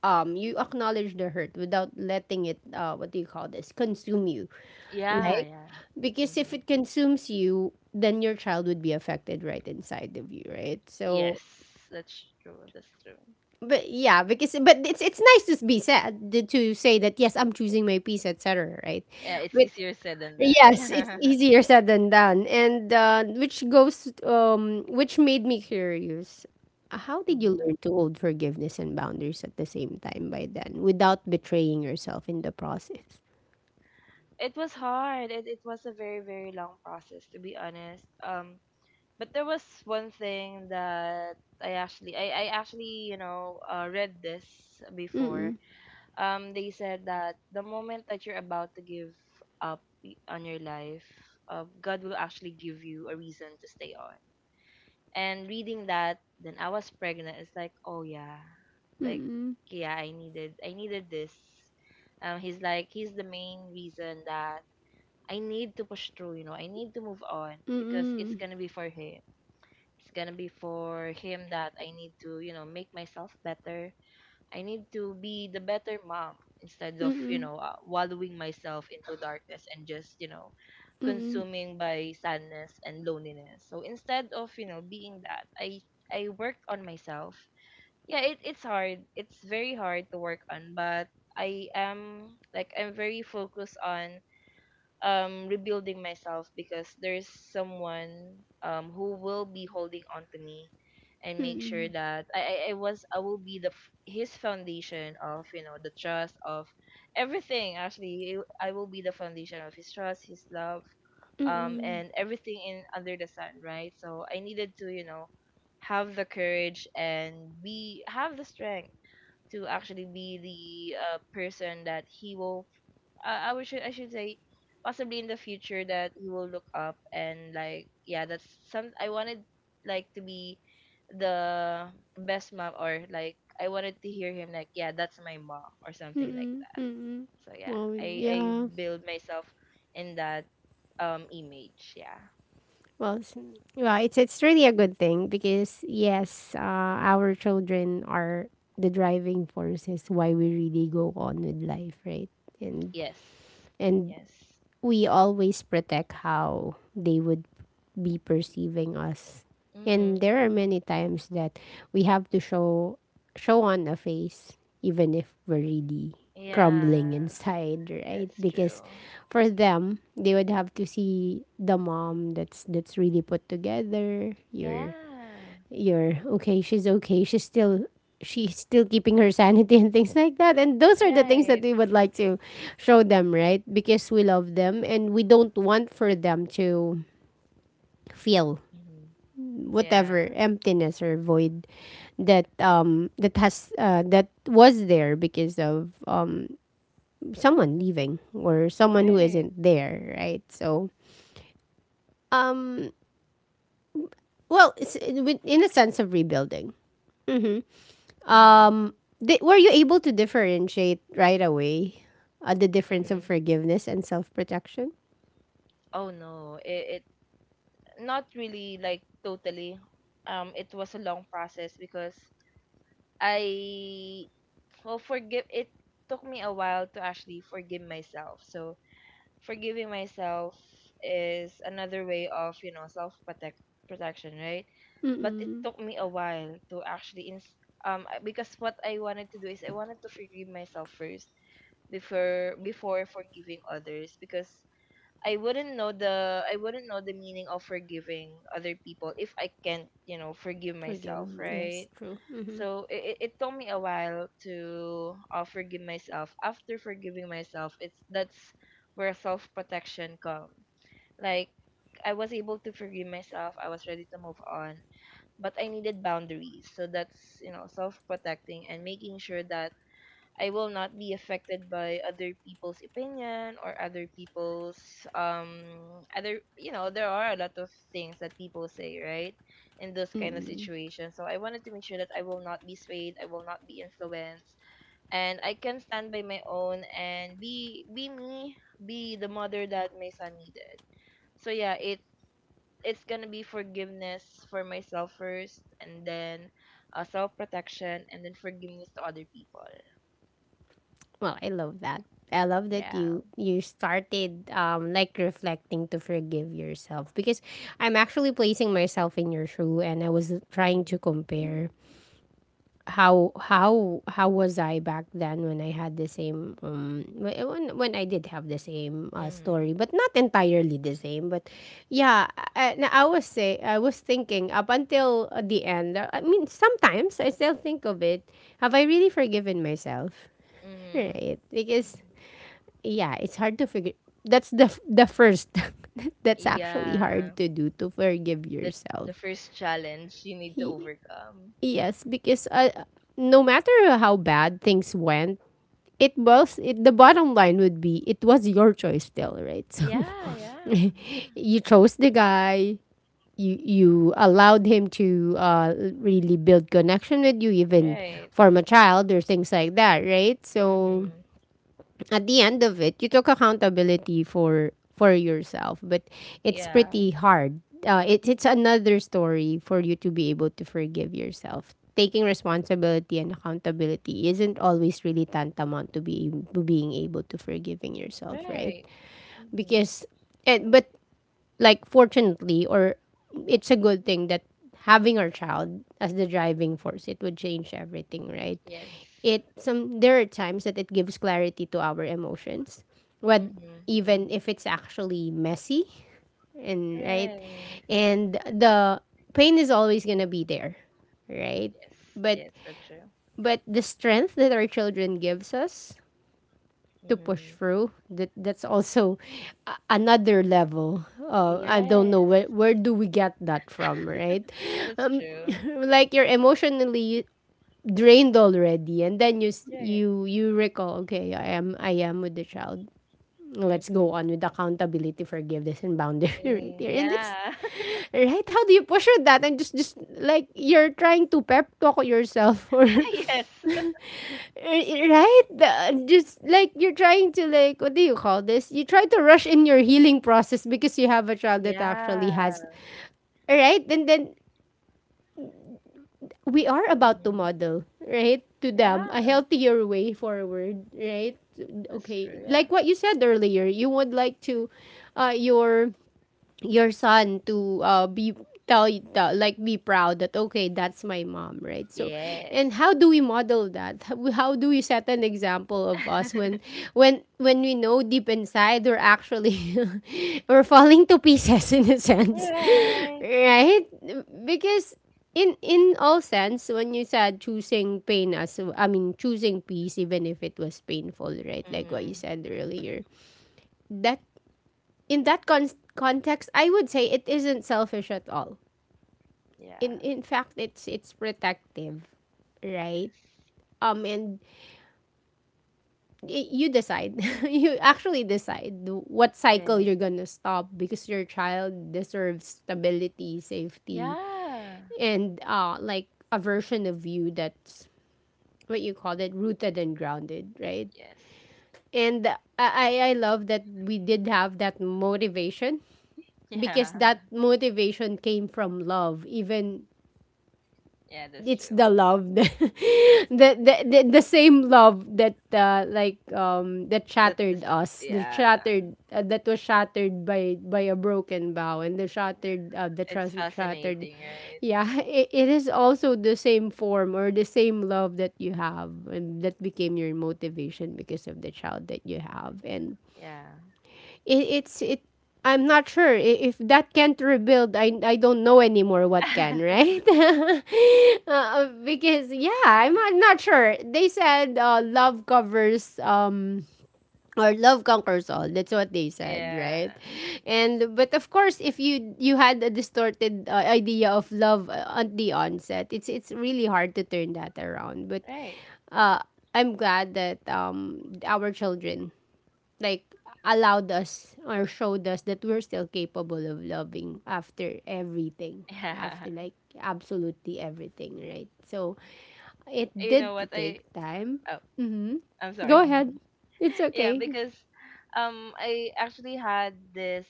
you acknowledge the hurt without letting it, what do you call this, consume you, yeah, like, yeah. because if Mm-hmm. it consumes you, then your child would be affected right inside of you, right? Yes, So, that's true. That's true. but yeah, because, but it's nice to be said to say that, yes, I'm choosing my peace, etc. Right? Yeah, it's But easier said than yes, it's done. <laughs> easier said than done, and which goes, which made me curious. How did you Hmm. learn to hold forgiveness and boundaries at the same time by then without betraying yourself in the process? It was hard. It was a very very long process to be honest. But there was one thing that I actually, read this before. Mm, They said that the moment that you're about to give up on your life, God will actually give you a reason to stay on. And reading that then I was pregnant, it's like oh yeah, like mm, yeah, I needed this. He's the main reason that I need to push through. You know, I need to move on mm, because mm, it's mm, gonna be for him. It's gonna be for him that I need to, make myself better. I need to be the better mom instead of, mm, wallowing myself into darkness and just, mm, mm, consuming by sadness and loneliness. So instead of, being that, I worked on myself. Yeah, it's hard. It's very hard to work on, but I am, I'm very focused on rebuilding myself because there's someone who will be holding on to me and make sure mm. that I will be the his foundation of, you know, the trust of everything actually. I will be the foundation of his trust, his love, Mm-mm. and everything in under the sun, right? So I needed to, you know, have the courage and be, have the strength to actually be the person that he will, I should say, possibly in the future, that he will look up and like, yeah, that's some I wanted, like, to be the best mom, or like I wanted to hear him like, yeah, that's my mom, or something like that. So yeah, Well, I yeah. build myself in that image. Yeah. Well, well, it's really a good thing because yes, our children are the driving forces why we really go on with life, right? And Yes. and Yes. we always protect how they would be perceiving us. And Mhm. there are many times that we have to show on a face even if we're really crumbling Yeah, inside, <laughs> right? it's true. Because for them, they would have to see the mom that's really put together, your, Yeah. you're okay, she's okay, she's still keeping her sanity and things like that. And those are the things that Right. we would like to show them, right? Because we love them and we don't want for them to feel Mhm. whatever Yeah. emptiness or void that has, that was there because of someone leaving or someone who Right. isn't there, right? So um well, it's, in a sense of rebuilding. Mhm. Um, were you able to differentiate right away the difference of Mhm. forgiveness and self protection? Oh no, it not really, like, totally. It was a long process because I, well, forgive. It took me a while to actually forgive myself. So forgiving myself is another way of, you know, self protect protection, right? But it Mm-mm. took me a while to actually because what I wanted to do is I wanted to forgive myself first before forgiving others, because I wouldn't know the meaning of forgiving other people if I can't, you know, forgive Forgive. myself, right? Yes, true. Mm-hmm. So it took me a while to forgive myself. After forgiving myself, it's that's where self protection comes. Like, I was able to forgive myself. I was ready to move on, but I needed boundaries. So that's, you know, self protecting and making sure that I will not be affected by other people's opinion or other people's um other, you know, there are a lot of things that people say, right, in those kind of situations, so I wanted to make sure that I will not be swayed, I will not be influenced, and I can stand by my own and be, me be the mother that my son needed. So yeah, it it's gonna be forgiveness for myself first, and then self protection, and then forgiveness to other people. Well, I love that. I love that Yeah. you started like reflecting to forgive yourself because I'm actually placing myself in your shoe and I was trying to Hmm. compare how was I back then when I had the same when I did have the same Mhm. story but not entirely the same but yeah I was say I was thinking up until the end I mean sometimes I still think of it. Have I really forgiven myself, Mhm. right? Because Mhm. yeah, it's hard to figure. That's the first. <laughs> That's actually Yeah. hard to do, to forgive The the yourself. first challenge you need to overcome. Yes, because no matter how bad things went, the bottom line would be it was your choice still, right? <laughs> So Yeah, yeah. <laughs> Yeah. you chose the guy. You allowed him to really build connection with you, even Right. form a child or things like that, right? So Mhm. at the end of it, you took accountability for yourself, but it's Yeah. pretty hard. It's another story for you to be able to forgive yourself. Taking responsibility and accountability isn't always really tantamount to be to being able to forgiving yourself, right? Right. Mhm. Because and but like fortunately or it's a good thing that having our child as the driving force, it would change everything, right? Yes. it some There are times that it gives clarity to our emotions, Mhm. what, even Mhm. if it's actually messy. And right, Right. and the pain is always going to be there, right? Yes. but Yes, that's true. but the strength that our children gives us to push Mhm. through that, that's also a- another level. I don't know Yes. Where do we get that from, right? <laughs> That's um, true. <laughs> like you're emotionally drained already, and then you Right. you recall, okay, I am with the child. Let's go Mhm. on with accountability, forgiveness, and boundary. <laughs> Right Mm, here, and it's Yeah. right. How do you push with that? And just like you're trying to pep talk yourself, <laughs> or <laughs> Yes. <laughs> Just like you're trying to, like, what do you call this? You try to rush in your healing process because you have a child that Yeah. actually has, right? And then we are about to Mhm. model, right, to them a Yeah. healthier way forward, right? That's true. Okay, Yeah. like what you said earlier, you would like to uh your your son to be, like, be proud that, okay, that's my mom, right? So, and Yes. how do we model that? How do we set an example of us when <laughs> when we know deep inside, we're actually <laughs> we're falling to pieces, in a sense. <laughs> Right. Right, because in all sense, when you said choosing pain as I mean choosing peace, even if it was painful, right, like what you Mm-hmm. said earlier, that in that context, I would say it isn't selfish at all. In Yeah. in fact, it's protective, right? And you decide. <laughs> You actually decide what cycle Yes. you're gonna stop, because your child deserves stability, safety, Yeah. and like a version of you that's, what you call it, rooted and grounded, right? Yes. And I love that we did have that motivation, because Yeah. that <laughs> motivation came from love, even Yeah, that's it's true. the love, <laughs> the same love that like that That this shattered us, the yeah. shattered that was shattered by a broken vow, and the shattered the It's trust that shattered. fascinating, right? Yeah, <laughs> it is also the same form or the same love that you have, and that became your motivation because of the child that you have. And Yeah. it, it's it, I'm not sure if that can't rebuild, I don't know anymore what can, <laughs> right? <laughs> Because yeah, I'm not sure. They said love covers or love conquers all. That's what they said, yeah. right? And but of course, if you had a distorted idea of love at the onset, it's really hard to turn that around. But Right. uh, I'm glad that our children, like, allowed us or showed us that we're still capable of loving after everything, Yeah. after, <laughs> like, absolutely everything, right? So it You did know what take I time. oh, Mm-hmm. I'm Go sorry. ahead, <laughs> it's <laughs> Yeah, okay. because I actually had this,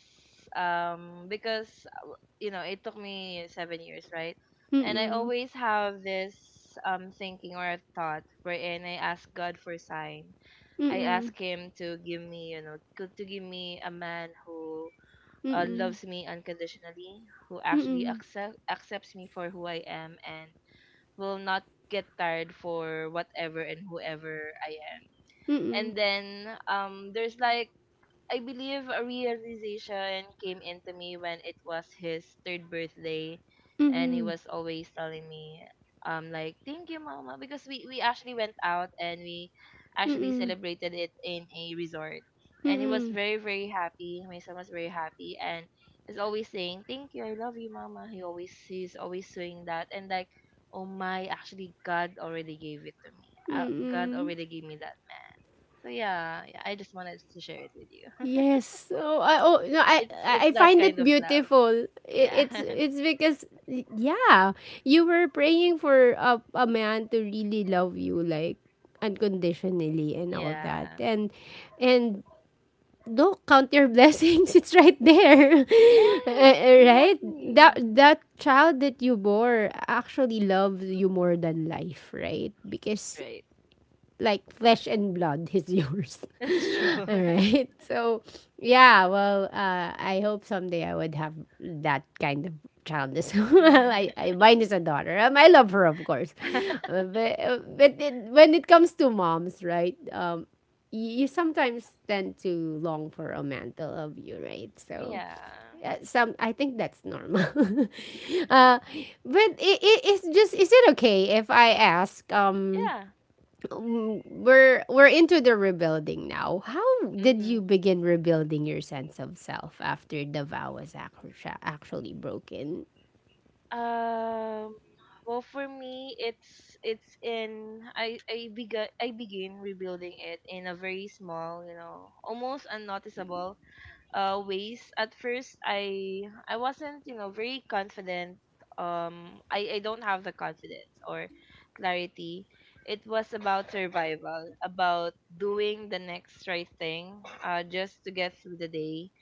because uh, you know, it took me 7 years, right? And I Mm-mm. always have this thinking or thought wherein I ask God for sign. I Mm-mm. ask him to give me, you know, to give me a man who Mm-mm. loves me unconditionally, who actually Mm-mm. Accepts me for who I am, and will not get tired for whatever and whoever I am. Mm-mm. And then there's like, I believe a realization came into me when it was his third birthday, and he Mm-mm. was always telling me, like, thank you, mama, because we actually went out and we actually Mm-mm. celebrated it in a resort. And he was Mm-mm. very, very happy. My son was very happy, and is always saying, thank you, I love you, mama. He always, he's always saying that. And like, oh, my, actually God already gave it to me. God Mm-mm. already gave me that. So yeah, yeah, I just wanted to share it with you. <laughs> Yes. Oh, I, oh no, It's it's I that find it kind of love. beautiful. Yeah. <laughs> It's because, yeah, you were praying for a man to really love you, like, unconditionally and all Yeah. that. And don't count your blessings. <laughs> It's right there. <laughs> Yes, right? That exactly. that child that you bore actually loves you more than life, right? Because, Right. like, flesh and blood is yours. That's <laughs> true. All right. So, yeah, well, I hope someday I would have that kind of child as <laughs> well. I Mine is a daughter. I love her, of course. <laughs> But it, when it comes to moms, right? You sometimes tend to long for a man to love you, right? So, Yeah. Some I think that's normal. <laughs> Uh, but I it's just, is it okay if I ask, um, Yeah. We're into the rebuilding now. How did you Mhm. begin rebuilding your sense of self after the vow was actually broken? Um well, for me, it's in I began, I begin rebuilding it in a very small, you know, almost unnoticeable ways. At first, I wasn't, you know, very confident. I don't have the confidence or clarity. It was about survival, about doing the next right thing, just to get through the day.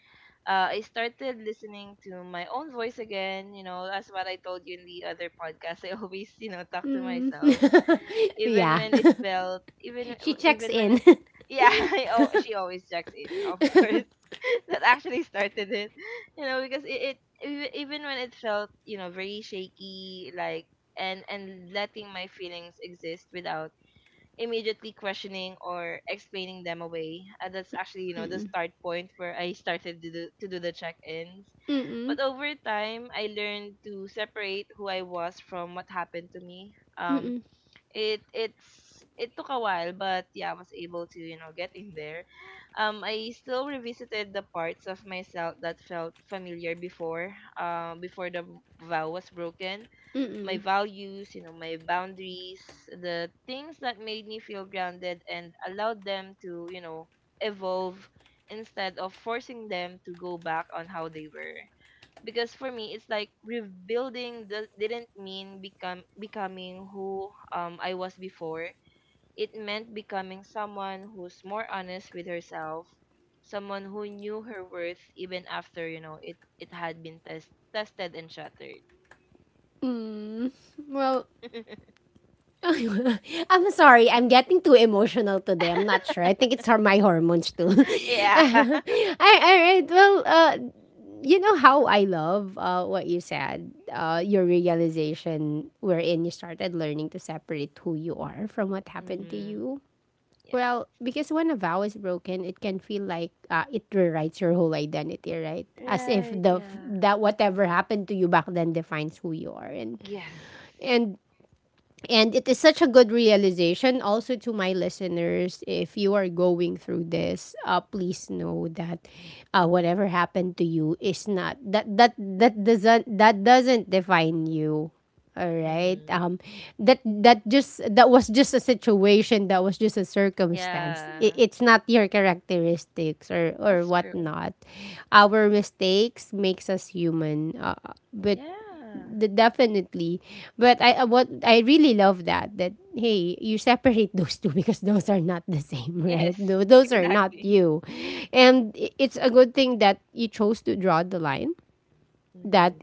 I started listening to my own voice again. You know, as what I told you in the other podcast, I <laughs> always, you know, talk to Mm. myself, <laughs> Yeah, even <laughs> she checks even when in. it, <laughs> yeah, <laughs> I, oh, she always checks in, of course. <laughs> That actually started it, you know, because it, even when it felt, you know, very shaky, like, and letting my feelings exist without immediately questioning or explaining them away. And that's actually, you know, the Mm-mm. start point where I started to do the check-ins. Mm-mm. But over time, I learned to separate who I was from what happened to me. Um, Mm-mm. it it's it took a while, but yeah, I was able to, you know, get in there. I still revisited the parts of myself that felt familiar before, before the vow was broken. My Mm-mm. values, you know, my boundaries, the things that made me feel grounded, and allowed them to, you know, evolve instead of forcing them to go back on how they were. Because for me, it's like rebuilding didn't mean become becoming who I was before. It meant becoming someone who's more honest with herself, someone who knew her worth even after, you know, it had been tested and shattered. Well, <laughs> <laughs> I'm sorry. I'm getting too emotional today. I'm not sure. I think it's my hormones too. <laughs> <laughs> Yeah. I, all right. Well, you know how I love what you said. Your realization wherein you started learning to separate who you are from what happened to Mm-hmm. you. Yes. Well, because when a vow is broken, it can feel like it rewrites your whole identity, right? As if Right. the Yeah. that whatever happened to you back then defines who you are, Yes. and and it is such a good realization also to my listeners. If you are going through this, please know that whatever happened to you is not that that doesn't that doesn't define you. All right. Mm-hmm. That that just that was just a situation. That was just a circumstance. It, Yeah. it's not your characteristics or That's true. whatnot. Our mistakes makes us human. But Yeah. Definitely. But I what I really love that that, hey, you separate <laughs> those two, because those are not the same, <laughs> right? Yes. Those are not Exactly. you. And it's a good thing that you chose to draw the line that Mm-hmm.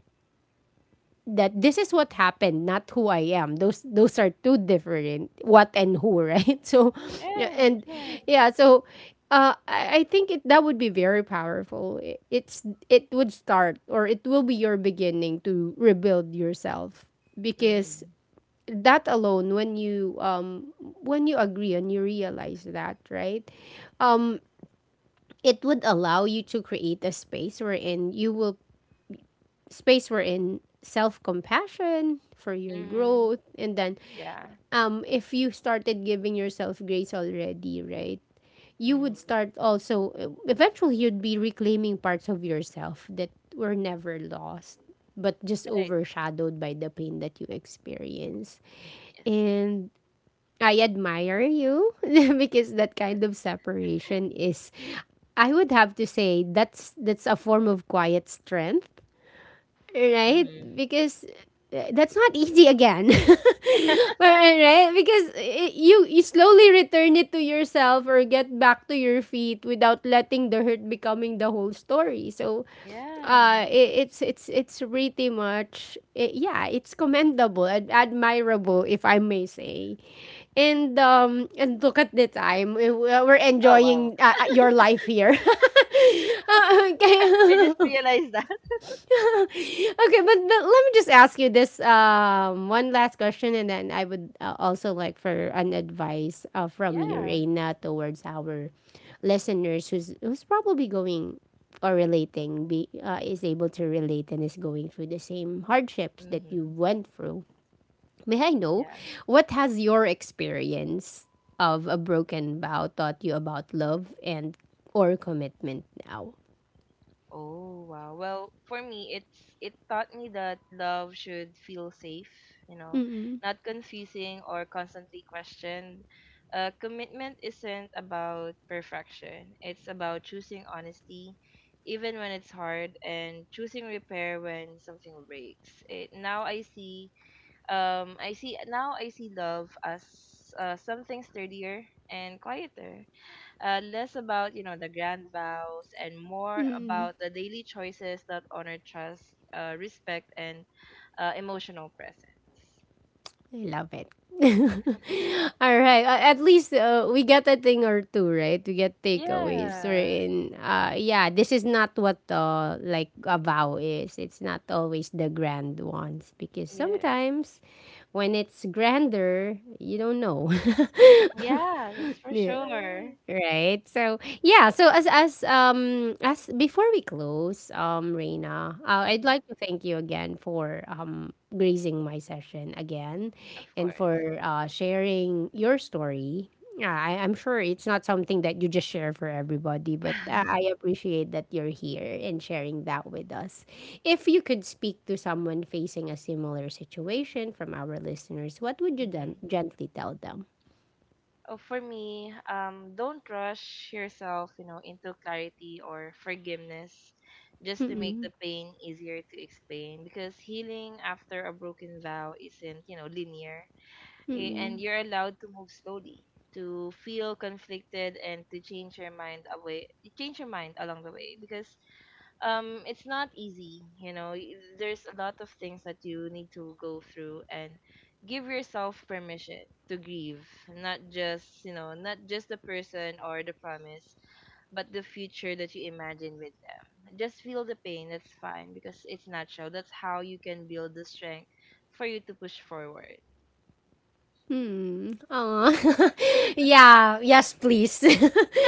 that this is what happened, not who I am. Those are two different what and who, right? <laughs> So, yeah, Right. and Right. yeah, so I think it that would be very powerful. It, it's it would start, or it will be your beginning to rebuild yourself, because Mm-hmm. that alone when you agree and you realize that, right, um, it would allow you to create a space wherein you will space we're in self-compassion for your Mm-hmm. growth. And then Yeah. If you started giving yourself grace already, right, you would Mm-hmm. start also eventually you'd be reclaiming parts of yourself that were never lost, but just Right. overshadowed by the pain that you experience. Yes. And I admire you <laughs> because that kind of separation is, I would have to say, that's a form of quiet strength, right? Mm-hmm. <laughs> Because that's not easy again. <laughs> Right? Right? Because you you slowly return it to yourself or get back to your feet without letting the hurt becoming the whole story. So Yeah. It, it's pretty much eh, yeah, it's commendable and admirable, if I may say. And and look at the time. Eh, we're Oh enjoying wow. Your life here. <laughs> Ah, okay. <laughs> I just <laughs> realized that. <laughs> Okay, but let me just ask you this, one last question, and then I would also like for an advice from you, Yeah. Reina, towards our listeners who's who's probably going or relating, be is able to relate and is going through the same hardships that you Mm-hmm. went through. May I know Yeah. what has your experience of a broken vow taught you about love and or commitment now? Oh wow. Well, for me, it's, it taught me that love should feel safe, you know, not confusing or constantly questioned. Commitment isn't about perfection. It's about choosing honesty even when it's hard, and choosing repair when something breaks. It, now I see, I see now I see love as something sturdier and quieter, less about, you know, the grand vows, and more about the daily choices that honor trust, respect, and emotional presence. I love it. <laughs> <laughs> All right. At least we got a thing or two, right? We get takeaways. We're Yeah. in. Yeah, this is not what like a vow is. It's not always the grand ones, because Yes. sometimes when it's grander, you don't know. <laughs> Yeah, that's for Yeah. sure. Right. So yeah. So as before we close, Reina, I'd Hmm. like to thank you again for gracing my session again, Of and course. for sharing your story. Yeah, I'm sure it's not something that you just share for everybody, but I appreciate that you're here and sharing that with us. If you could speak to someone facing a similar situation from our listeners, what would you then Hmm. gently tell them? Oh, for me, don't rush yourself, you know, into clarity or forgiveness just to make Mm-mm. the pain easier to explain, because healing after a broken vow isn't, you know, linear. And Mm-mm. you're allowed to move slowly, to feel conflicted, and to change your mind away change your mind along the way, because it's not easy, you know. There's a lot of things that you need to go through. And give yourself permission to grieve, not just, you know, not just the person or the promise, but the future that you imagine with them. Just feel the pain, that's fine, because it's natural. That's how you can build the strength for you to push forward. Hmm. Aw. <laughs> Yeah. Yes, please.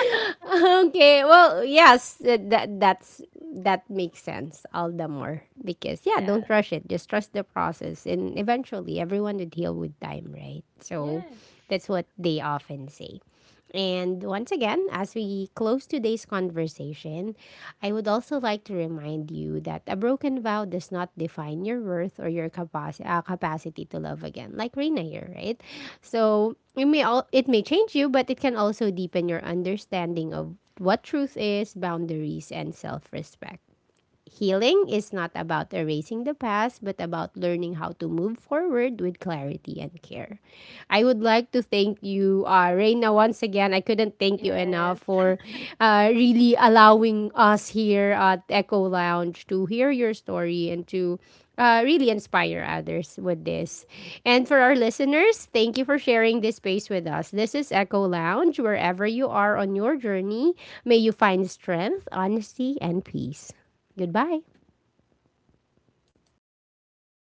<laughs> Okay. Well, yes. That's that makes sense all the more, because yeah, don't Yeah. rush it. Just trust the process, and eventually, everyone would heal with time, right? So, Yes. that's what they often say. And once again, as we close today's conversation, I would also like to remind you that a broken vow does not define your worth or your capacity capacity to love again, like Reina here, right? So it may all it may change you, but it can also deepen your understanding of what truth is, boundaries, and self respect. Healing is not about erasing the past, but about learning how to move forward with clarity and care. I would like to thank you, Reina, once again. I couldn't thank you enough Yes. for really allowing us here at Echo Lounge to hear your story and to really inspire others with this. And for our listeners, thank you for sharing this space with us. This is Echo Lounge. Wherever you are on your journey, may you find strength, honesty, and peace. Goodbye.